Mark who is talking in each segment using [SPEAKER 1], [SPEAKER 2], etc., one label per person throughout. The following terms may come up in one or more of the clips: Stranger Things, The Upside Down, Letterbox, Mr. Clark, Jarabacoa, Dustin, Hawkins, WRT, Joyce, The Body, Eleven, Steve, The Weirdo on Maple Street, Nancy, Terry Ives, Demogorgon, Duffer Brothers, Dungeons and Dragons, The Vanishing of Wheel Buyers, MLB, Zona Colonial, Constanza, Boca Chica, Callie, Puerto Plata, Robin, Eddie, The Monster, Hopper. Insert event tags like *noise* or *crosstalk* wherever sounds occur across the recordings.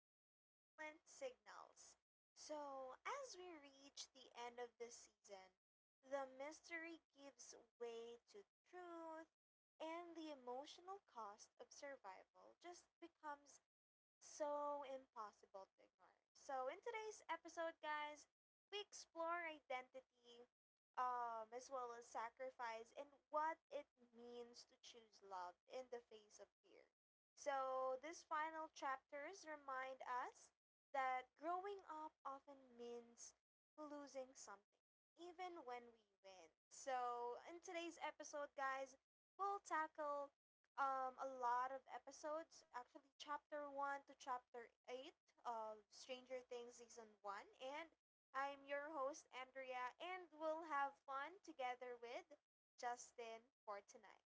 [SPEAKER 1] to Silent Signals. So, as we reach the end of the season, the mystery gives way to truth, and the emotional cost of survival just becomes so impossible to ignore. So in today's episode, guys, we explore identity as well as sacrifice and what it means to choose love in the face of fear. So these final chapters remind us that growing up often means losing something, even when we win. So in today's episode, guys, we'll tackle a lot of episodes, actually, chapter 1 to chapter 8 of Stranger Things season 1. And I'm your host, Andrea, and we'll have fun together with Justin for tonight.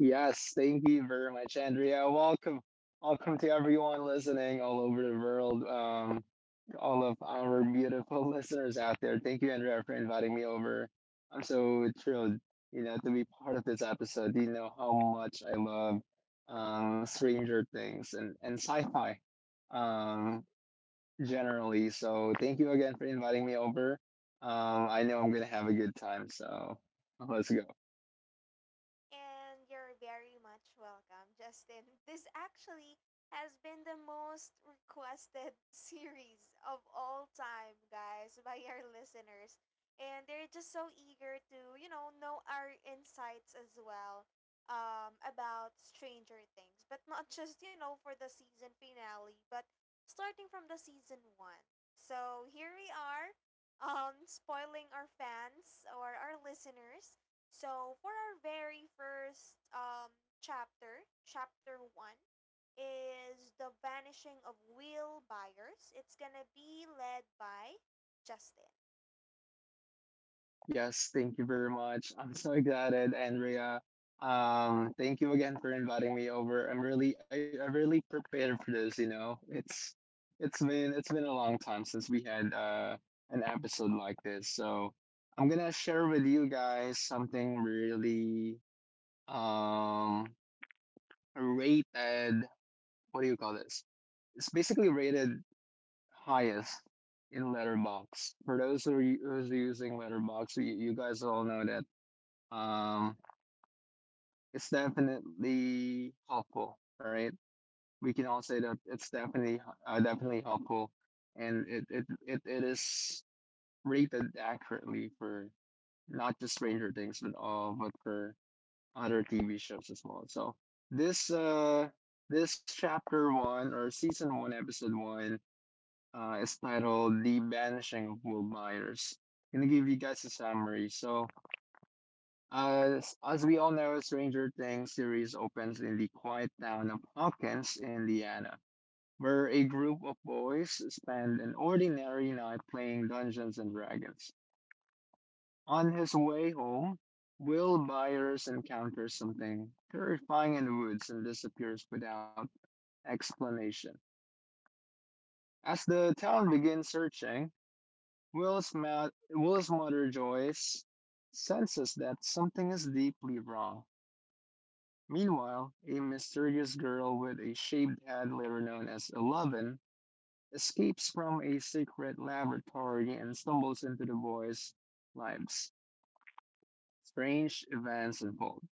[SPEAKER 2] Yes, thank you very much, Andrea. Welcome, welcome to everyone listening all over the world. All of our beautiful *laughs* listeners out there. Thank you, Andrea, for inviting me over. I'm so thrilled, you know, to be part of this episode. You know how much I love Stranger Things and sci-fi, um, generally. So thank you again for inviting me over. I know I'm gonna have a good time. So *laughs* let's go.
[SPEAKER 1] And you're very much welcome, Justin. This actually has been the most requested *laughs* series of all time, guys, by our listeners. And they're just so eager to, you know our insights as well, about Stranger Things. But not just, you know, for the season finale, but starting from the season one. So here we are, spoiling our fans or our listeners so, for our very first chapter, chapter one, is The Vanishing of Wheel Buyers. It's gonna be led by Justin.
[SPEAKER 2] Yes, thank you very much. I'm so excited, Andrea. Thank you again for inviting me over. I really prepared for this, you know. It's been a long time since we had an episode like this. So I'm gonna share with you guys something really um rated, what do you call this? It's basically rated highest in Letterbox. For those who's using Letterbox, you guys all know that um, it's definitely helpful, right? We can all say that it's definitely definitely helpful, and it is rated accurately for not just Stranger Things, but all but for other TV shows as well. So this this chapter one or season one episode one is titled "The Banishing of Will Myers." Gonna give you guys a summary. So. As we all know, Stranger Things series opens in the quiet town of Hawkins, Indiana, where a group of boys spend an ordinary night playing Dungeons and Dragons. On his way home, Will Byers encounters something terrifying in the woods and disappears without explanation. As the town begins searching, Will's mother Joyce senses that something is deeply wrong. Meanwhile, a mysterious girl with a shaved head, later known as Eleven, escapes from a secret laboratory and stumbles into the boys' lives. Strange events unfold,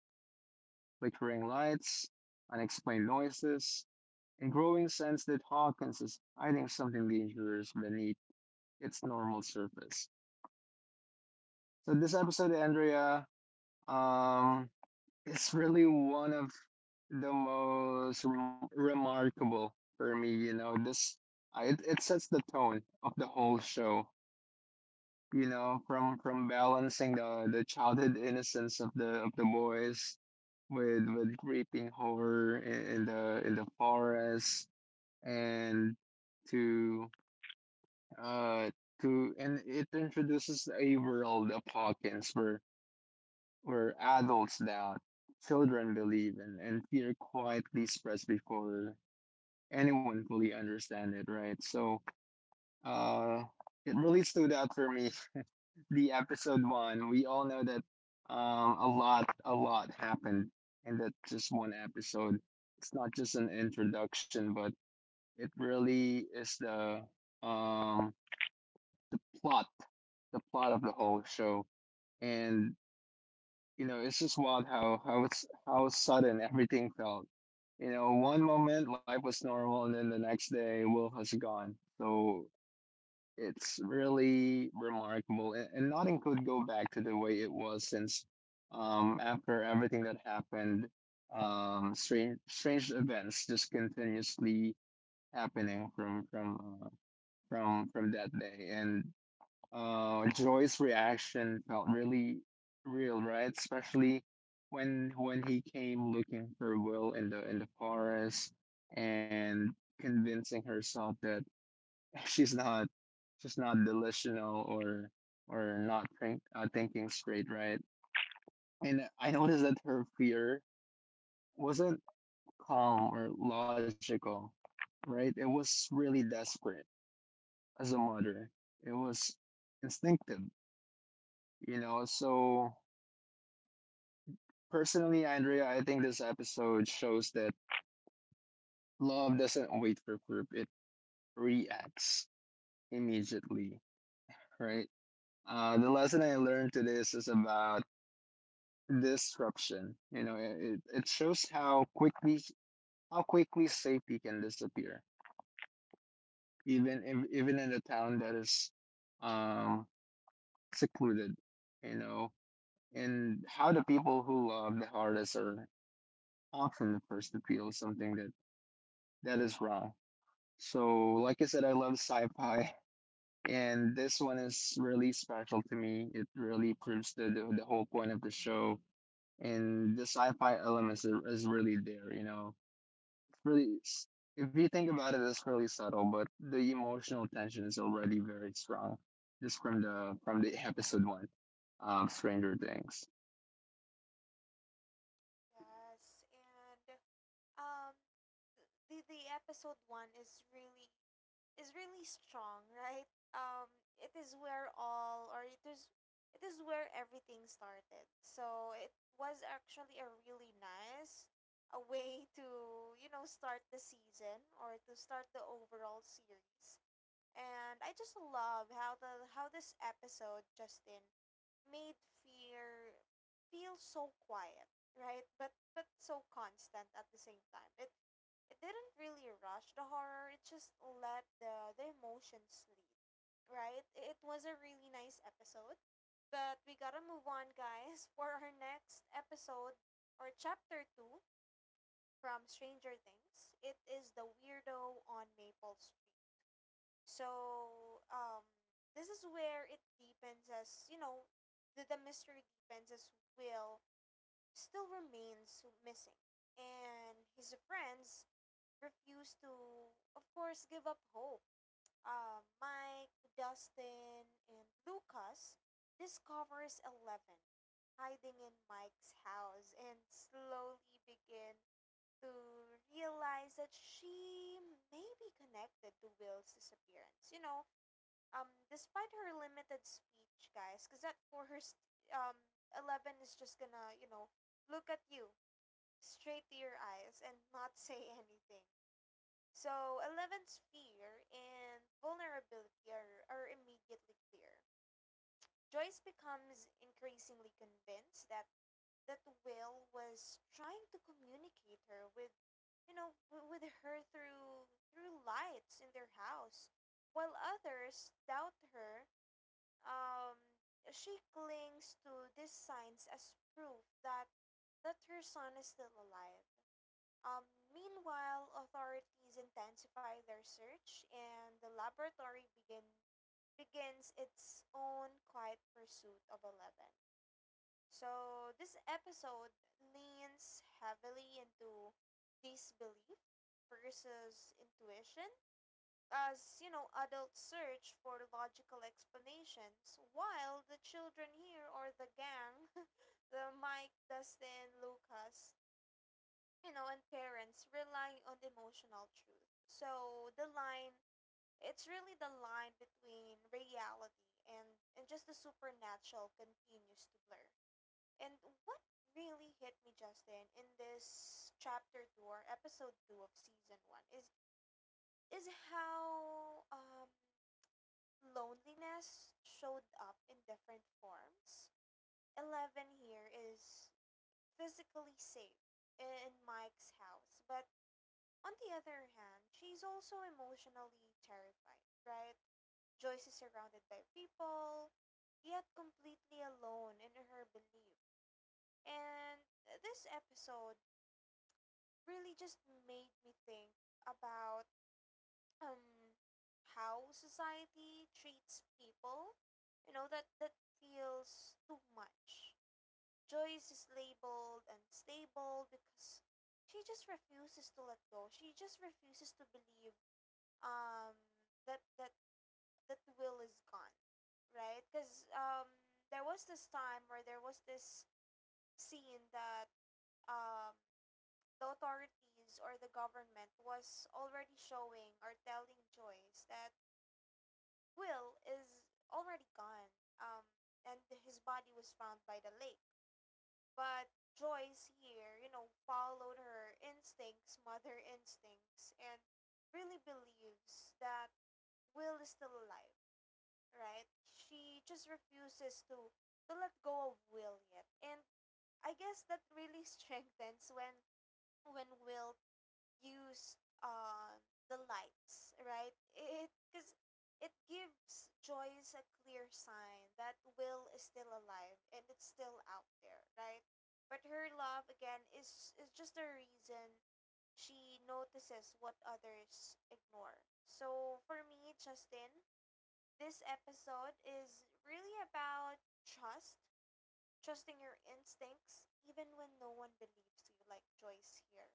[SPEAKER 2] flickering lights, unexplained noises, and growing sense that Hawkins is hiding something dangerous beneath its normal surface. So this episode, Andrea, um, is really one of the most remarkable for me, you know. This uh, it, it sets the tone of the whole show, you know, from balancing the childhood innocence of the boys with creeping horror in the forest and to uh to and it introduces a world of Hawkins where adults doubt, children believe, and fear quietly spreads before anyone fully understand it, right? So, uh, it really stood out for me. *laughs* The episode one, we all know that, a lot happened in that just one episode. It's not just an introduction, but it really is um, the plot, the plot of the whole show. And you know, it's just wild how it's how sudden everything felt, you know. One moment life was normal, and then the next day Will has gone. So it's really remarkable, and nothing could go back to the way it was since, after everything that happened. Um, strange strange events just continuously happening from that day, and Joy's reaction felt really real, right? Especially when he came looking for Will in the forest and convincing herself that *laughs* she's not, she's not delusional, or not thinking straight, right? And I noticed that her fear wasn't calm or logical. Right, it was really desperate. As a mother, it was instinctive, you know. So, personally, Andrea, I think this episode shows that love doesn't wait for proof, it reacts immediately, right? Uh, the lesson I learned today is about disruption. You know, it shows how quickly, how quickly safety can disappear, even if, even in a town that is, um, secluded. You know, and how the people who love the hardest are often the first to feel something that is wrong. So, like I said, I love sci-fi. And this one is really special to me. It really proves the whole point of the show, and the sci-fi elements is really there, you know. Really, if you think about it, it's really subtle, but the emotional tension is already very strong just from the episode one of Stranger Things.
[SPEAKER 1] Yes, and um the episode one is really strong, right? um it is where all, or it is, it is where everything started, so it was actually a really nice a way to, you know, start the season or to start the overall series. And I just love how the how this episode, Justin, made fear feel so quiet, right? But so constant at the same time. It didn't really rush the horror. It just let the emotions lead, right? It was a really nice episode, but we gotta move on, guys, *laughs* for our next episode or chapter two from Stranger Things. It is the weirdo on Maple Street. So this is where it deepens, as you know, the mystery deepens as Will still remains missing, and his friends refuse to, of course, give up hope. Mike, Dustin, and Lucas discovers Eleven hiding in Mike's house and slowly begin to realize that she may be connected to Will's disappearance. You know, despite her limited speech, guys, because at first, um Eleven is just gonna, you know, look at you straight to your eyes and not *laughs* say anything. So eleven's fear and vulnerability are immediately clear. Joyce becomes increasingly convinced that that Will was trying to communicate her with, you know, with her through through lights in their house. While others doubt her, um, she clings to these signs as proof that that her son is still alive. Um, meanwhile, authorities intensify their search, and the laboratory begins its own quiet pursuit of Eleven. So this episode leans heavily into disbelief versus intuition, as you know, adults search for logical explanations while the children here or the gang *laughs* the Mike, Dustin, Lucas, you know, and parents rely on emotional truth. So the line, it's really the line between reality and and just the supernatural continues to blur. And what really hit me, Justin, in this chapter 2 or episode 2 of season 1 is how, loneliness showed up in different forms. Eleven here is physically safe in Mike's house, but on the other hand, she's also emotionally terrified, right? Joyce is surrounded by people, yet completely alone in her belief. And this episode really just made me think about, um how society treats people, you know, that that feels too much. Joyce is labeled unstable because she just refuses to let go, she just refuses to believe um that that the Will is gone, right? Because, there was this time where there was this scene that, um the authorities or the government was already showing or telling Joyce that Will is already gone, um, and his body was found by the lake. But Joyce here, you know, followed her instincts, mother instincts, and really believes that Will is still alive, right? She just refuses to let go of Will yet. And I guess that really *laughs* strengthens when Will used the lights, right? It, because it gives Joyce a clear sign that Will is still alive and it's still out there, right? But her love again is just a reason, she notices what others ignore. So for me, Justin, this episode is really about trust, trusting your instincts even when no one believes you, like Joyce here.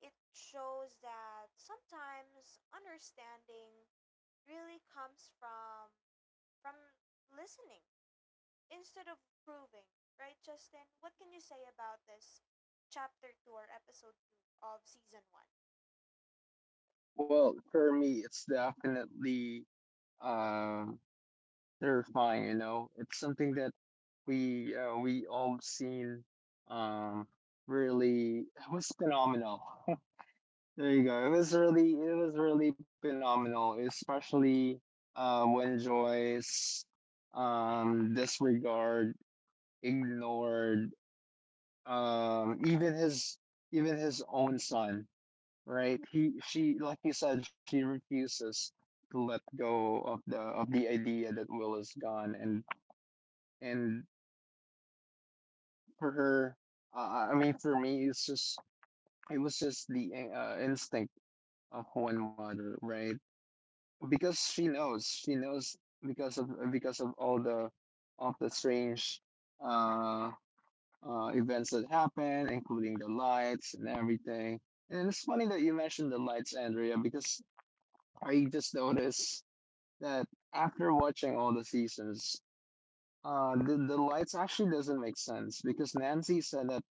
[SPEAKER 1] It shows that sometimes understanding really comes from listening instead of proving, right, Justin? What can you say about this chapter 2 or episode 2 of season 1?
[SPEAKER 2] Well, for me, it's definitely uh, terrifying. You know, it's something that we all seen, um, really. It was phenomenal. *laughs* There you go. It was really phenomenal, especially when Joyce disregard, ignored, um, even his, even his own son. Right? She, like you said, she refuses to let go of the idea that Will is gone, and and for her, I mean, for me, it's just, it was just the instinct of one mother, right? Because she knows because of all the of the strange uh events that happen, including the lights and everything. And it's funny that you mentioned the lights, Andrea, because I just noticed that after watching all the seasons, the lights actually doesn't make sense, because Nancy said that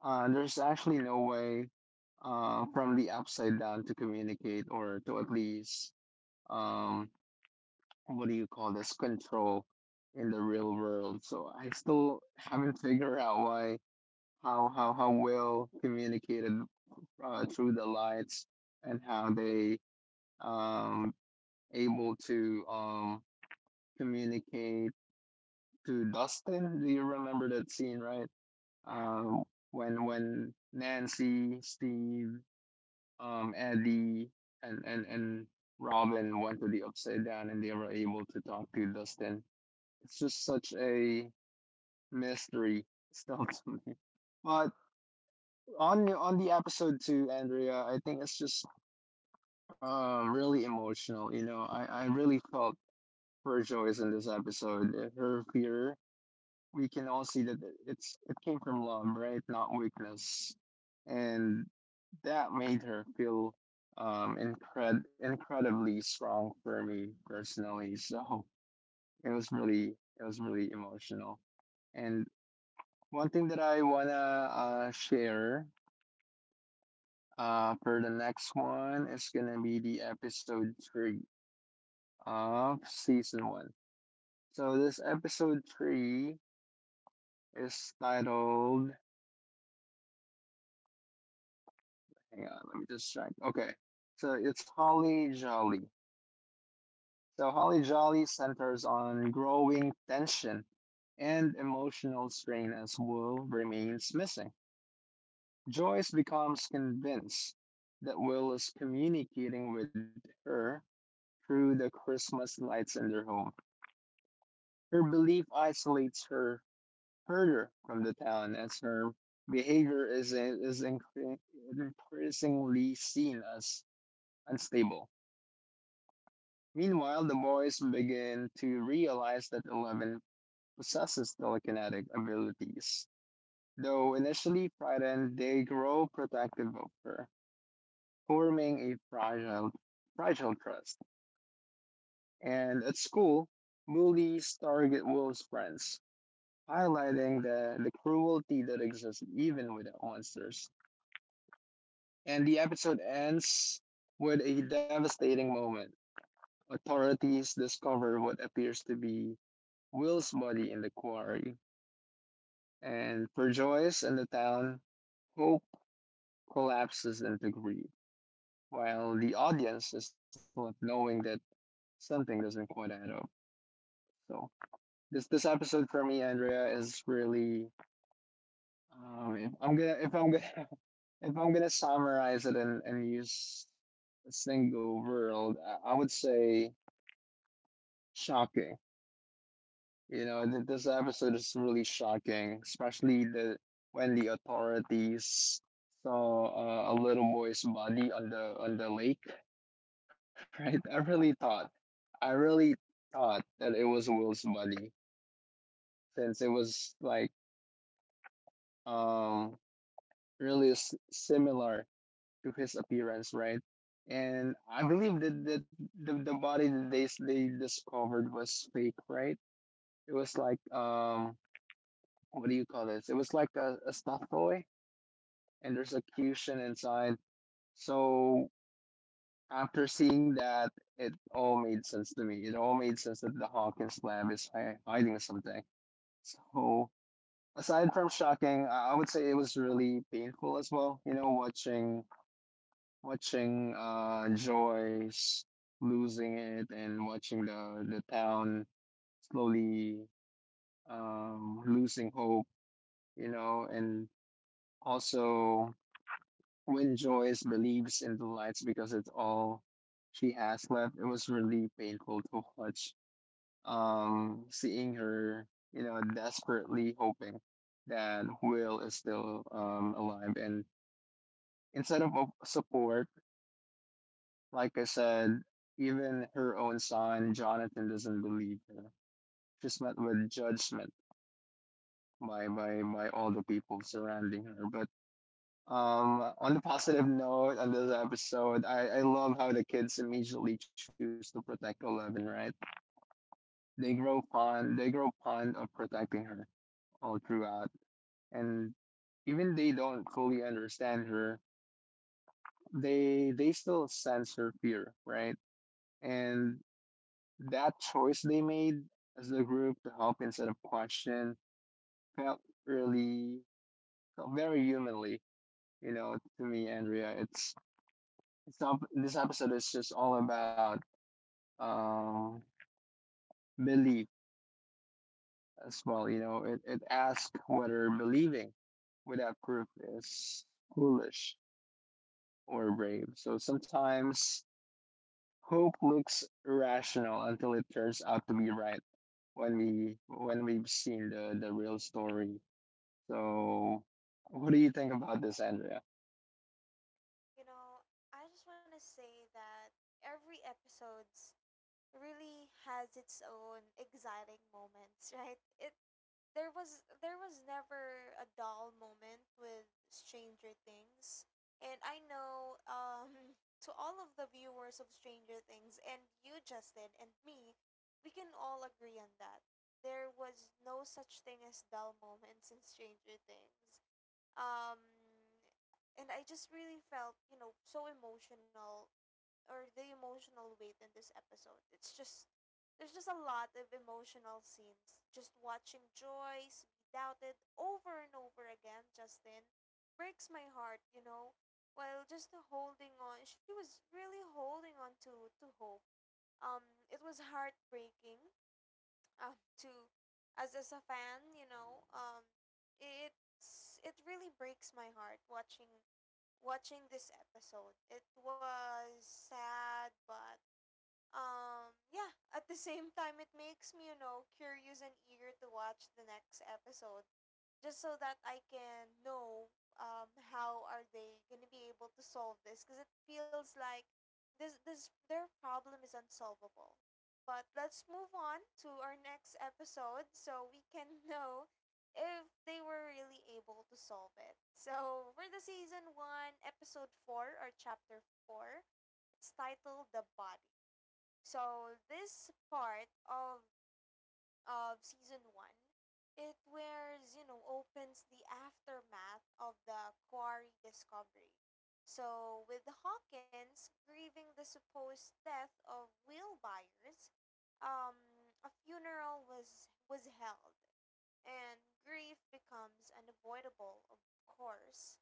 [SPEAKER 2] there's actually no way from the upside down to communicate or to at least, um what do you call this, control in the real world. So I still haven't figured out why, how well communicated through the lights, and how they um able to communicate to Dustin. Do you remember that scene, right? Um, when Nancy, Steve, Eddie, and Robin went to the upside down, and they were able to talk to Dustin. It's just such a mystery *laughs* still to me. But on the episode two, Andrea, I think it's just really emotional. You know, I really felt for Joyce in this episode. Her fear, we can all see that it came from love, right? Not weakness, and that made her feel incredibly strong for me personally. So it was really, it was really emotional, and one thing that I wanna share for the next one is gonna be the episode three of season one. So this episode three is titled. Hang on, let me just check. Okay, so it's Holly Jolly. So Holly Jolly centers on growing tension and emotional strain as Will remains missing. Joyce becomes convinced that Will is communicating with her through the Christmas lights in their home. Her belief isolates her further from the town as her behavior increasingly seen as unstable. Meanwhile, the boys begin to realize that Eleven possesses telekinetic abilities. Though initially frightened, they grow protective of her, forming a fragile trust. And at school, bullies target Will's friends, highlighting the cruelty that exists even with the monsters. And the episode ends with a devastating moment. Authorities discover what appears to be Will's body in the quarry, and for Joyce and the town, hope collapses into grief, while the audience is not knowing that something doesn't quite add up. So this episode for me, Andrea, is really, um, if I'm gonna if I'm gonna if I'm gonna summarize it and use a single word, I would say shocking. You know, th this episode is really shocking, especially the when the authorities saw, a little boy's body on the lake, *laughs* right? I really thought that it was Will's body, since it was like, um really s similar to his appearance, right? And I believe that the body that they discovered was fake, right? It was like, what do you call this? It was like a stuffed toy, and there's a cushion inside. So after seeing that, it all made sense to me. It all made sense that the Hawkins lab is hiding something. So aside from shocking, I would say it was really painful as well. You know, watching Joyce losing it, and watching the town slowly losing hope, you know. And also when Joyce believes in the lights because it's all she has left, it was really painful to watch. Seeing her, you know, desperately hoping that Will is still alive, and instead of support, like I said, even her own son, Jonathan, doesn't believe her. She's met with judgment by, by all the people surrounding her. But on the positive note on this episode, I love how the kids immediately choose to protect Eleven, right? They grow fond of protecting her all throughout. And even they don't fully understand her, they still sense her fear, right? And that choice they made as a group to help instead of question felt really felt very humanly, you know, to me, Andrea. It's not This episode is just all about, um belief as well, you know. It asks whether believing without proof is foolish or brave. So sometimes hope looks irrational until it turns out to be right when we've seen the real story. So, what do you think about this, Andrea?
[SPEAKER 1] You know, I just want to say that every episode's really has its own exciting moments, *laughs* right? It There was there was never a dull moment with Stranger Things. And I know, *laughs* to all of the viewers of Stranger Things and you, Justin, and me, we can all agree on that. There was no such thing as dull moments in Stranger Things. Um, and I just really felt, you know, so emotional or the emotional weight in this episode. It's just there's just a lot of emotional scenes. Just watching Joyce be doubted over and over again, Justin, breaks my heart, you know. While just holding on, she was really holding on to hope. Um, it was heartbreaking, to as a fan, you know, it's it really breaks my heart watching watching this episode. It was sad, but, yeah, at the same time, it makes me, you know, curious and eager to watch the next episode just so that I can know, how are they gonna be able to solve this, because it feels like this their problem is unsolvable. But let's move on to our next episode so we can *laughs* know if they were really able to solve it. So for the season one, episode four or chapter four, it's titled The Body. So this part of season one, it wears, you know, opens the aftermath of the quarry discovery. So, with Hawkins grieving the supposed death of Will Byers, um, a funeral was held, and grief becomes unavoidable, of course.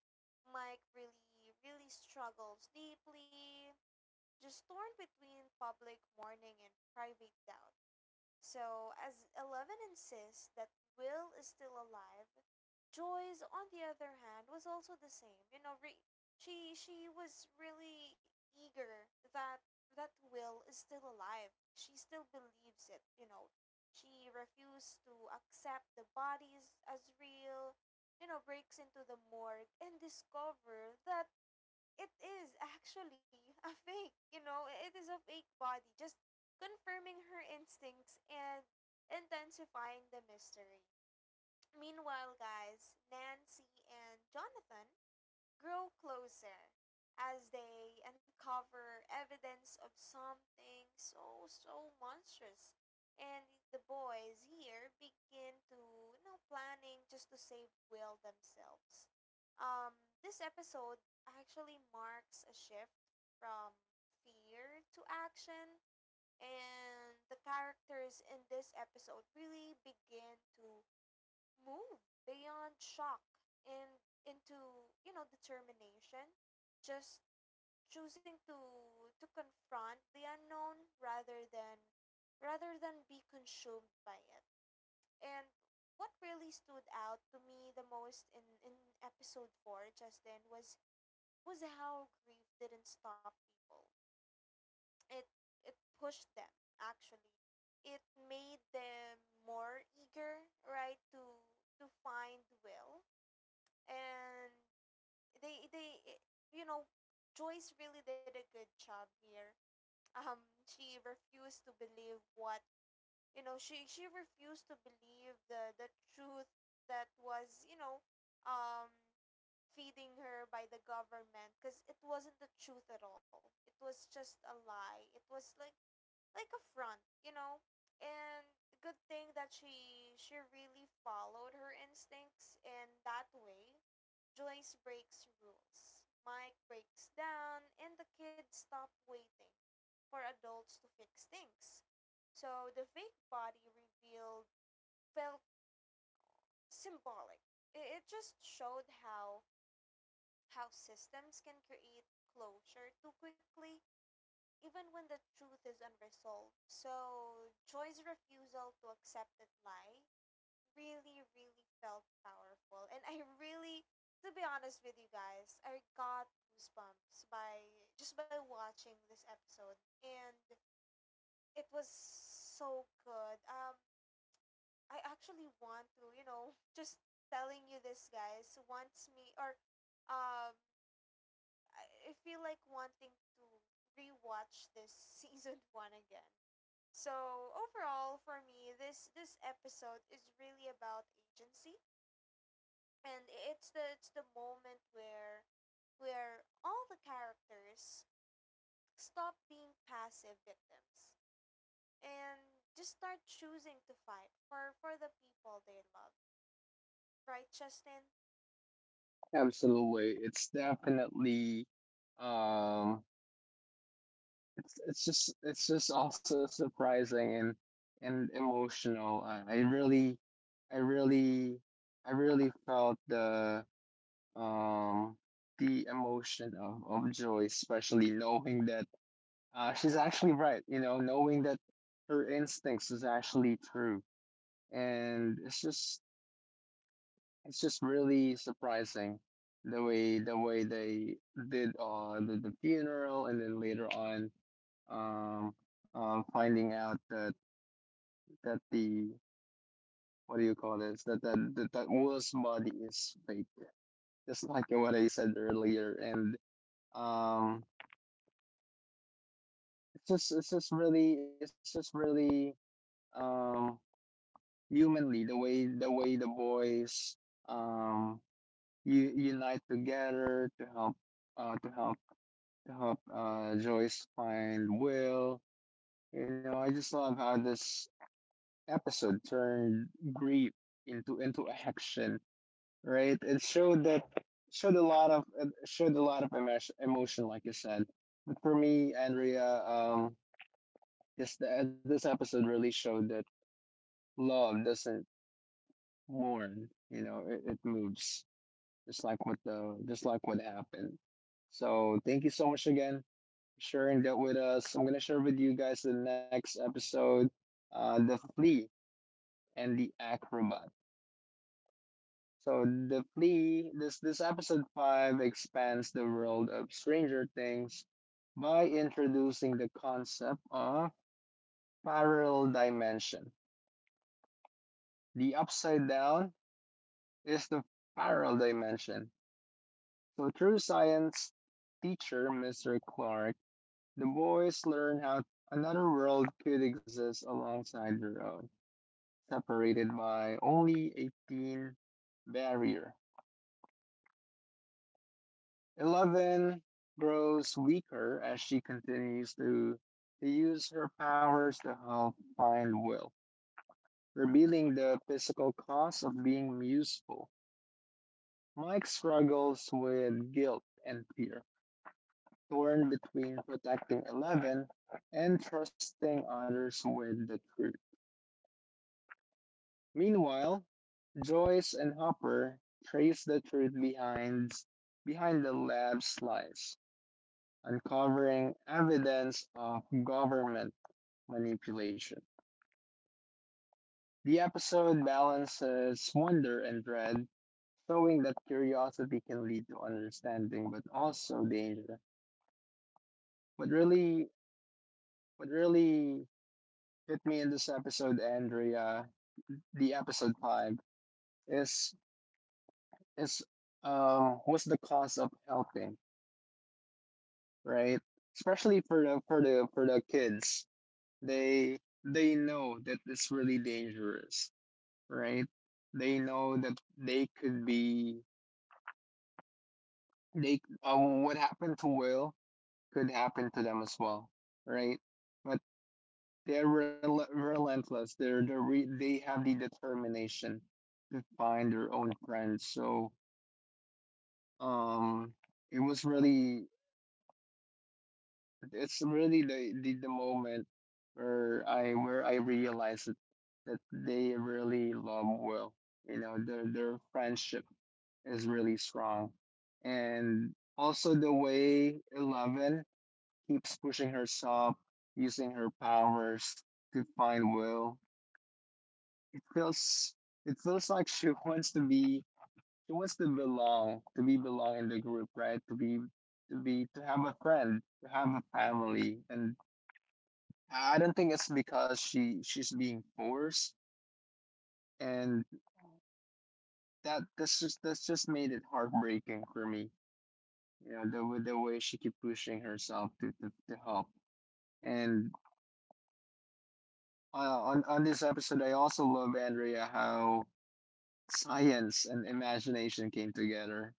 [SPEAKER 1] Mike really, really struggles deeply, just torn between public mourning and private doubt. So, as Eleven insists that Will is still alive, Joyce, on the other hand, was also the same. You know, she was really eager that that Will is still alive. She still believes it. You know, she refused to accept the bodies as real. You know, breaks into the morgue and discover that it is actually *laughs* a fake, you know, it is a fake body, just confirming her instincts and intensifying the mystery. Meanwhile, guys, Nancy and Jonathan grow closer as they uncover evidence of something so so monstrous. And the boys here begin to, you know, planning just to save Will themselves. Um, this episode actually marks a shift from fear to action, and the characters in this episode really begin to move beyond shock and into, you know, determination, just choosing to confront the unknown rather than be consumed by it. And what really stood out to me the most in episode 4, Justin, was how grief didn't stop people. it it pushed them, actually. It made them more eager, right, to find Will. And they, you know, Joyce really did a good job here. Um, she refused to believe what, you know, she refused to believe the truth that was, you know, um feeding her by the government, because it wasn't the truth at all, it was just a lie. It was like a front, you know. And good thing that she really followed her instincts, and that way Joyce breaks rules. Mike breaks down, and the kids stop waiting for adults to fix things. So the fake body revealed felt symbolic. It just showed how systems can create closure too quickly even when the truth is unresolved. So Joy's refusal to accept that lie really, really felt powerful. And I really, to be honest with you guys, I got goosebumps by just by watching this episode. And it was so good. I actually want to, you know, *laughs* just telling you this, guys, wants me, or, um, I feel like wanting to rewatch this *laughs* season one again. So overall, for me, this episode is really about agency, and it's the moment where all the characters stop being passive victims and just start choosing to fight for the people they love. Right, Justin?
[SPEAKER 2] Absolutely. It's definitely um it's just also surprising and emotional. I really I really I really felt um the emotion of joy, especially knowing that she's actually right, you know, knowing that her instincts is actually true. And it's just really surprising the way they did the funeral and then later on um finding out that that the what do you call this that Will's body is fake just like what I said earlier. And um it's just really um humanly the way the boys um you unite together to help uh to help Joyce find Will. You know, I just love how this episode turned grief into action, right? It showed that showed a lot of emotion, like you said. But for me, Andrea, this episode really showed that love doesn't mourn. You know, it moves just like what happened. So thank you so much again sharing that with us. I'm going to share with you guys the next episode, the flea and the acrobat. So the flea, this episode five expands the world of Stranger Things by introducing the concept of parallel dimension. The upside down is the parallel dimension. So through science teacher Mr. Clark, the boys learn how another world could exist alongside their own, separated by only a thin barrier. Eleven grows weaker as she continues to use her powers to help find Will, revealing the physical cost of being useful. Mike struggles with guilt and fear, torn between protecting Eleven and trusting others with the truth. Meanwhile, Joyce and Hopper trace the truth behind the lab's lies, uncovering evidence of government manipulation. The episode balances wonder and dread, showing that curiosity can lead to understanding but also danger. What really what really hit me in this episode, Andrea, the episode five, is is what's the cost of helping, right? Especially for the for the for the kids. They know that it's really dangerous, right? They know that they could be they what happened to Will could happen to them as well, right? But they're relentless. They have the determination to find their own friends. So um, it was really — it's really the moment where I realized that they really love Will. You know, their friendship is really strong. And also the way Eleven keeps pushing herself, using her powers to find Will. It feels it feels like she *laughs* wants to be — she wants to belong, to be belong in the group, right? To have a friend, to have a family. And I don't think it's because she's being forced, and that's just made it heartbreaking for me. You know, the way she keep pushing herself to help. And on this episode, I also love, Andrea, how science and imagination came together.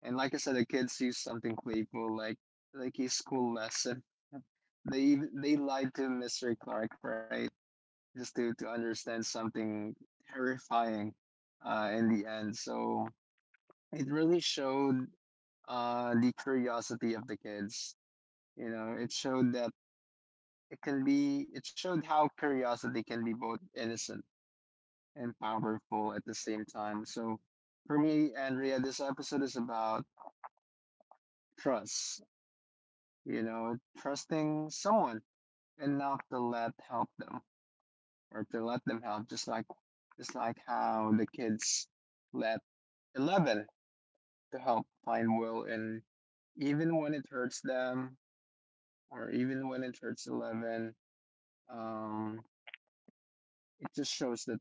[SPEAKER 2] And like I said, the kid sees something playful, like his school lesson. They lied to Mr. Clark, right? Just to understand something terrifying in the end. So it really showed the curiosity of the kids. You know, it showed how curiosity can be both innocent and powerful at the same time. So for me, Andrea, this episode is about trust, you know, trusting someone enough to let help them or to let them help, just like how the kids let Eleven to help find Will, and even when it hurts them, or even when it hurts Eleven, um, it just shows that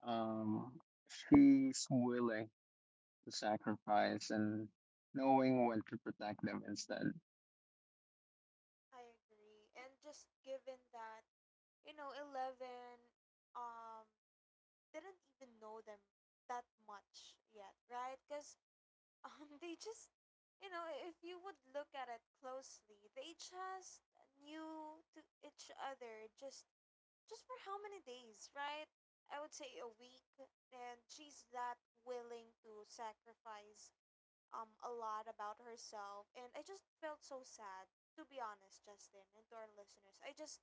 [SPEAKER 2] um, she's willing to sacrifice and knowing when to protect them instead.
[SPEAKER 1] I agree. And just given that, you know, Eleven, um didn't even know them that much yet, right? Because they just, if you would look at it closely, they just knew to each other just for how many days, right? I would say a week, and she's that willing to sacrifice a lot about herself, and I just felt so sad to be honest, Justin, and to our listeners.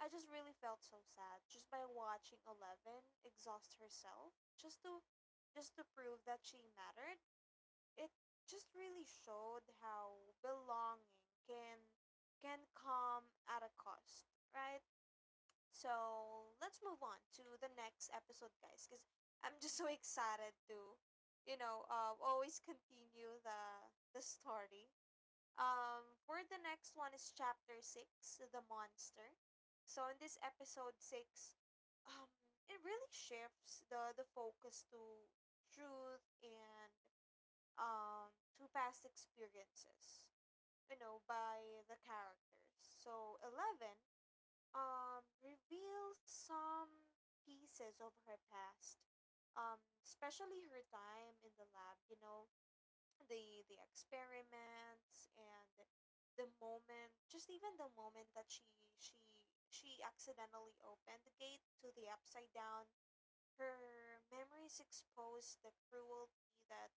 [SPEAKER 1] I just really felt so sad just by watching Eleven exhaust herself just to prove that she mattered. It just really showed how belonging can come at a cost, right? So let's move on to the next episode, guys, because I'm just so excited to, always continue the story. For the next one is chapter six, the monster. So in this episode six, um, it really shifts the focus to truth and, to past experiences, you know, by the characters. So Eleven, reveals some pieces of her past, um, especially her time in the lab. You know, the experiments and the moment, just even the moment that she accidentally opened the gate to the upside down. Her memories exposed the cruelty that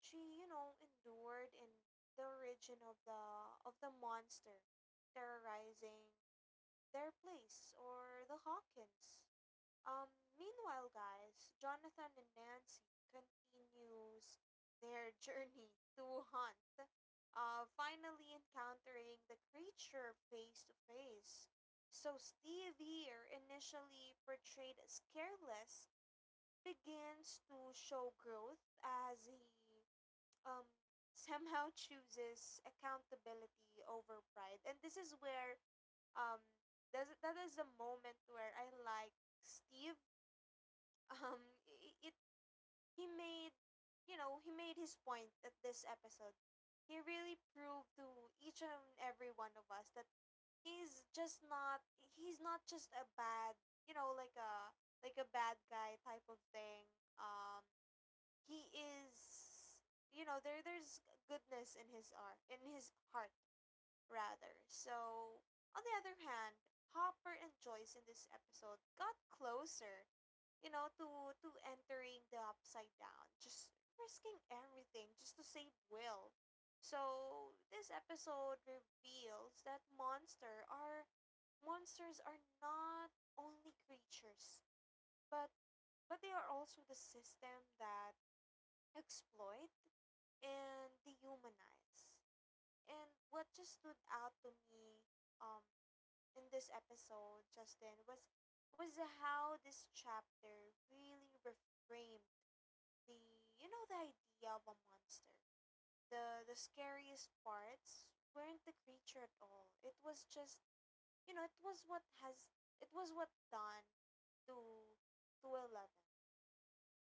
[SPEAKER 1] she, you know, endured in the origin of the monster terrorizing their place or the Hawkins. Um meanwhile, guys, Jonathan and Nancy continues their *laughs* journey to hunt, finally encountering the creature face to face. So Steve here, initially portrayed as careless, begins to show growth as he, um somehow chooses accountability over pride, and this is where, um that is the moment where I like Steve. *laughs* It, he made, you know, he made his point at this episode. He really proved to each and every one of us that he's not just a bad, you know, like a bad guy type of thing. um he is, you know, there's goodness in his heart rather. So on the other hand, Hopper and Joyce in this episode got closer, you know, to entering the upside down, just risking everything just to save Will. So this episode reveals that monsters are not only creatures, but they are also the system that exploit and dehumanize. And what just stood out to me, um in this episode, Justin, was how this chapter really reframed the, you know, the idea of a monster. The scariest parts weren't the creature at all. It was just, you know, it was what done to to Eleven.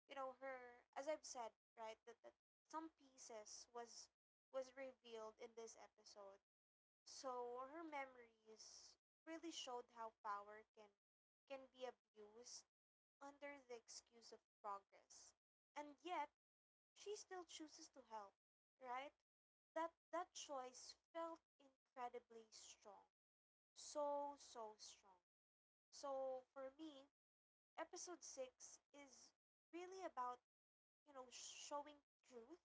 [SPEAKER 1] You know her, as I've said, right, that some pieces was revealed in this episode. So her memories really showed how power can be abused under the excuse of progress, and yet she still chooses to help, right? That choice felt incredibly strong, so strong. So for me, episode 6 is really about, you know, showing truth,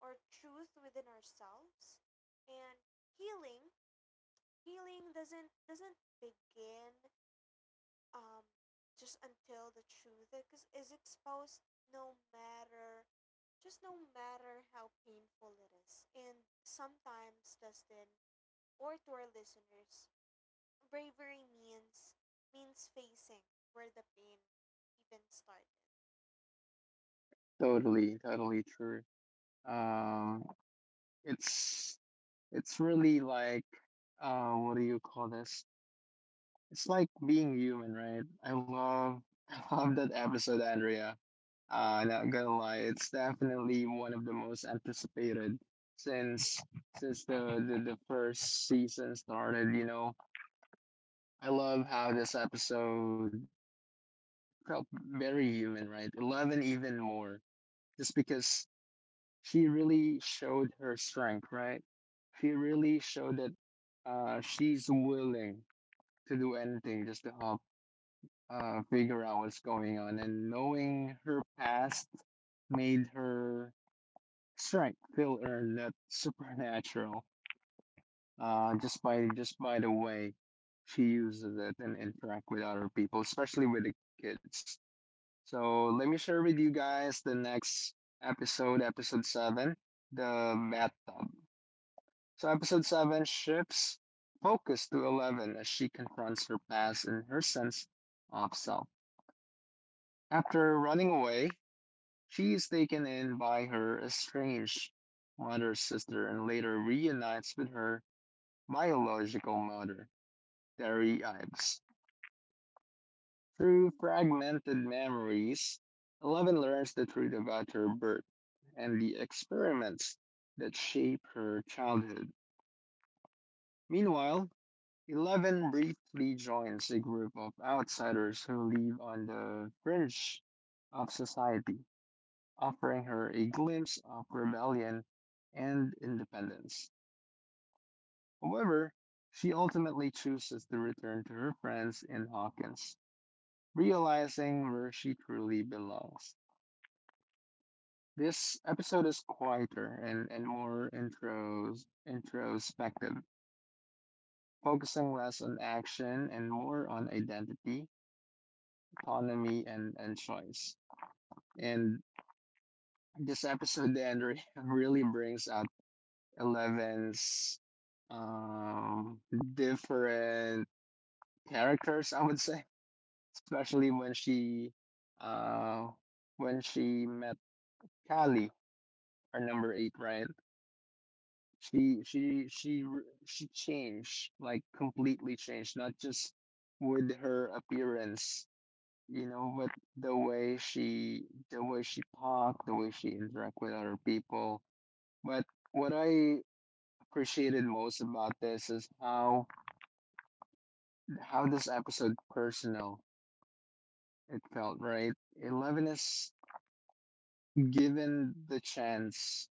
[SPEAKER 1] or truth within ourselves, and healing. Healing doesn't begin, um just until the truth is exposed, no matter, just no matter how painful it is. And sometimes, Dustin, or to our listeners, bravery means facing where the pain even started.
[SPEAKER 2] Totally, totally true. Um, it's it's really like what do you call this? It's like being human, right? I love *laughs* I love that episode, Andrea. Not gonna lie, it's definitely one of the most anticipated since the, the first season started, you know. I love how this episode felt very human, right? Eleven even more. Just because she really showed her strength, right? She really showed that she's willing to do anything just to help figure out what's going on. And knowing her past made her strength feel earned that supernatural. Just by the way she uses it and interact with other people, especially with the kids. So let me share with you guys the next episode, episode seven, the bathtub. So episode seven shifts focus to Eleven as she confronts her past and her sense of self. After running away, she is taken in by her estranged mother's sister and later reunites with her biological mother, Terry Ives. Through fragmented memories, Eleven learns the truth about her birth and the experiments that shape her childhood. Meanwhile, Eleven briefly joins a group of outsiders who live on the fringe of society, offering her a glimpse of rebellion and independence. However, she ultimately chooses to return to her friends in Hawkins, realizing where she truly belongs. This episode is quieter and, and introspective, focusing less on action and more on identity, autonomy, and choice. And this episode then *laughs* really brings out Eleven's um, different characters, I would say, especially uh, when she met Callie, our number eight, right? She changed, like completely changed, not just with her appearance, you know, but the way she talked, the way she interact with other people. But what I appreciated most about this is how this episode personal it felt, right? Eleven is given the chance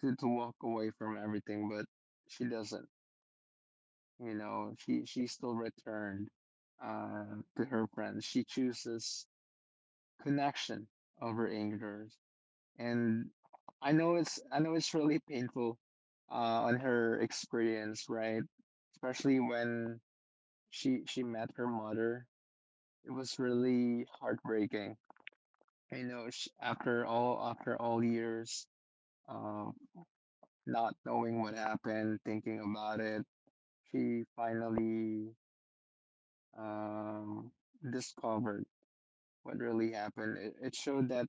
[SPEAKER 2] to walk away from everything, but she doesn't. You know, she still returned to her friends. She chooses connection over anger. And I know it's really painful on her experience, right? Especially when she met her mother. It was really heartbreaking. I know sh After all years of not knowing what happened, thinking about it, she finally um, discovered what really happened. It showed that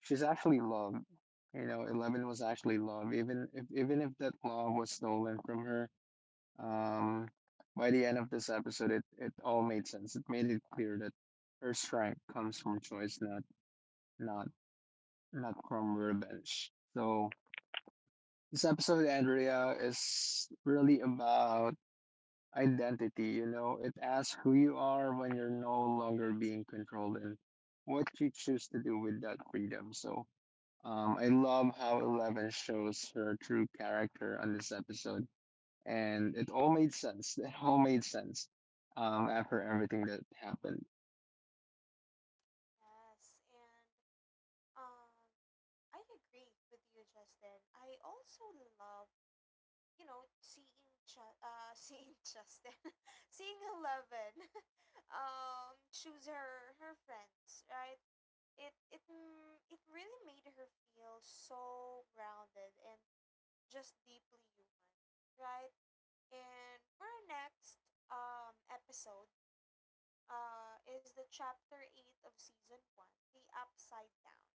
[SPEAKER 2] she's actually loved. You know, Eleven was actually loved, even if that love was stolen from her. Um, by the end of this episode, it all made sense. It made it clear that her strength comes from choice, not not not from revenge. So, this episode, Andrea, is really about identity. You know, it asks who you are when you're no longer being controlled and what you choose to do with that freedom. So, I love how Eleven shows her true character on this episode, and it all made sense. *laughs* It all made sense after everything that happened.
[SPEAKER 1] Yes, and, Um, I agree with you, Justin. I also love, you know, *laughs* *laughs* seeing Eleven, *laughs* choose her friends, right? It it really made her feel so grounded and just deeply human, right? And for our next episode, is the chapter eight of season one, the upside down.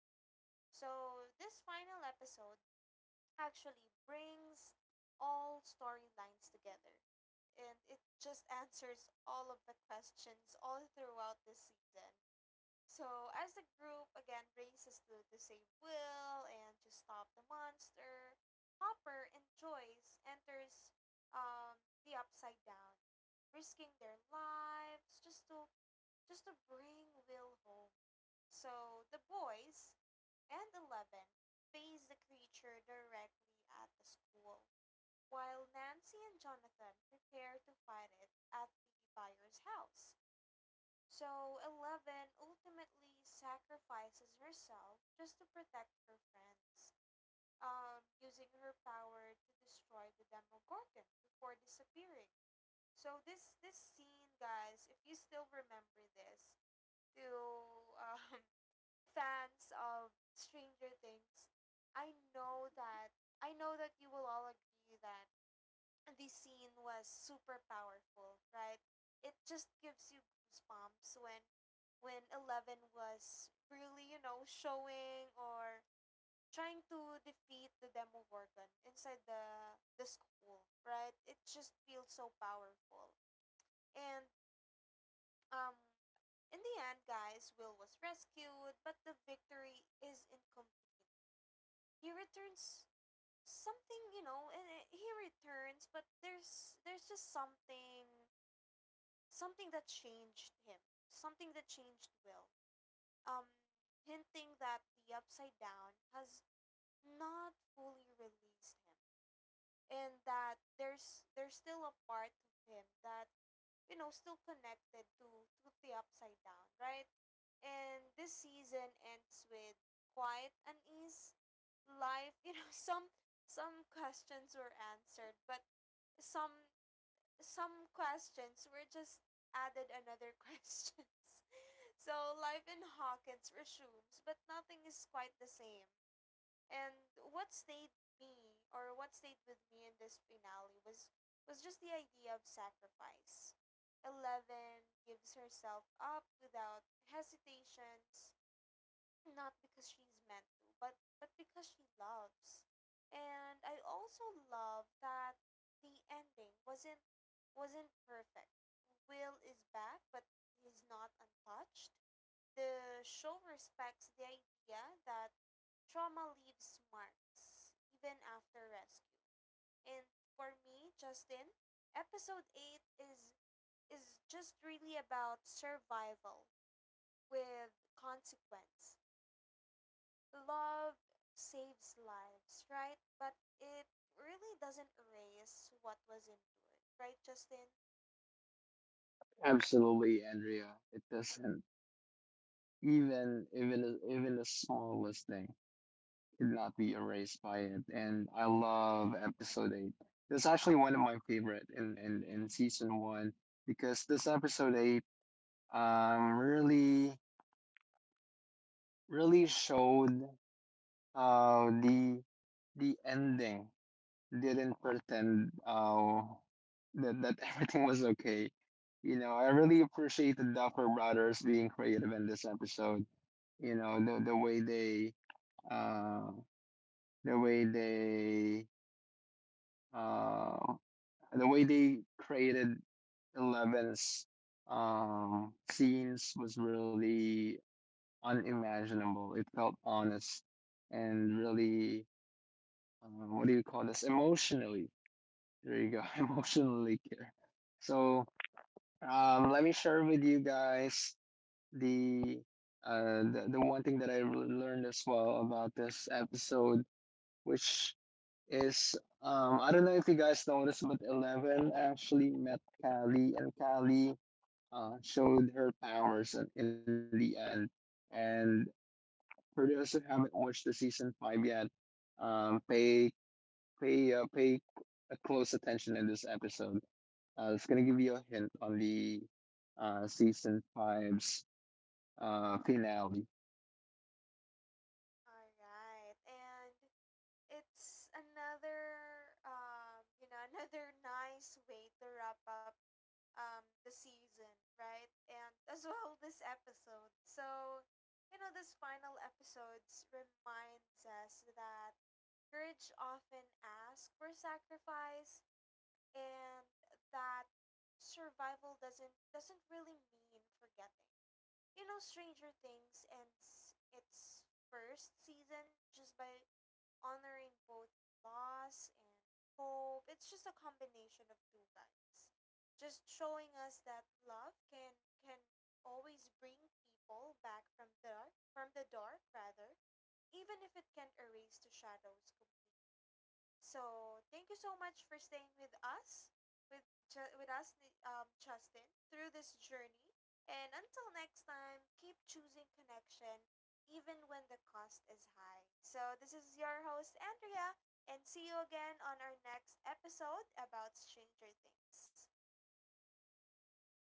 [SPEAKER 1] So this final episode actually brings all storylines together, and it just answers all of the questions all throughout this season. So as the group again races to save Will and to stop the monster, Hopper and Joyce enters, um, the upside down, risking their lives just to bring Will home. So the boys and Eleven face the creature directly at the school, while Nancy and Jonathan prepare to fight it at the buyer's house. So Eleven ultimately sacrifices herself just to protect her friends, using her power to destroy the Demogorgon before disappearing. So, this scene, guys, if you still remember this, to *laughs* um, fans of Stranger Things, I know that I know that you will all agree that this scene was super powerful, right? It just gives you goosebumps when Eleven was really, you know, showing or trying to defeat the Demogorgon inside the school, right? It just feels so powerful. And um in the end, guys, Will was rescued, but the victory is incomplete. He returns something, you know, and he returns, but there's just something, something that changed him, something that changed Will. um Hinting that the upside down has not fully released him, and that there's still a part of him that, you know, still connected to the upside down, right? And this season ends with quiet unease life, you know. *laughs* Some, questions were answered, but some, questions were just added another *laughs* questions. So life in Hawkins resumes, but nothing is quite the same. And what stayed with me in this finale was just the idea of sacrifice. Eleven gives herself up without hesitations, not because she's meant to, but because she loves. And I also love that the ending wasn't perfect. Will is back, but he's not untouched. The show respects the idea that trauma leaves marks even after rescue. And for me, Justin, episode 8 is just really about survival with consequence. Love saves lives, right? But it really doesn't erase what was endured, right, Justin?
[SPEAKER 2] Absolutely, Andrea. It doesn't — even the smallest thing could not be erased by it. And I love episode eight. It's actually one of my favorite in, in season one, because this episode eight really really showed how the ending didn't pretend that that *laughs* everything was okay. You know, I really appreciate the Duffer Brothers being creative in this episode. You know, the way they uh the way they uh the way they created Eleven's scenes was really unimaginable. It felt honest and really, what do you call this? emotionally. There you go. *laughs* Emotionally care. So let me share with you guys the, the one thing that I really learned as well about this episode, which is I don't know if you guys noticed, but Eleven actually met Callie, and Callie showed her powers in the end. And for those who haven't watched the season five yet, pay pay a close attention in this episode. It's gonna give you a hint on the season five's finale.
[SPEAKER 1] All right. And it's another you know *laughs* another nice way to wrap up the season, right? And as well this episode. So, you know, this final episodes reminds us that courage often asks for sacrifice, and that survival doesn't really mean forgetting. You know, Stranger Things ends its first season just by honoring both loss and hope. It's just a combination of two, guys. Just showing us that love can always bring people back from the dark rather, even if it can't erase the shadows completely. So thank you so much for staying with us, with us, Justin, through this journey. And until next time, keep choosing connection, even when the cost is high. So this is your host Andrea, and see you again on our next episode about Stranger Things.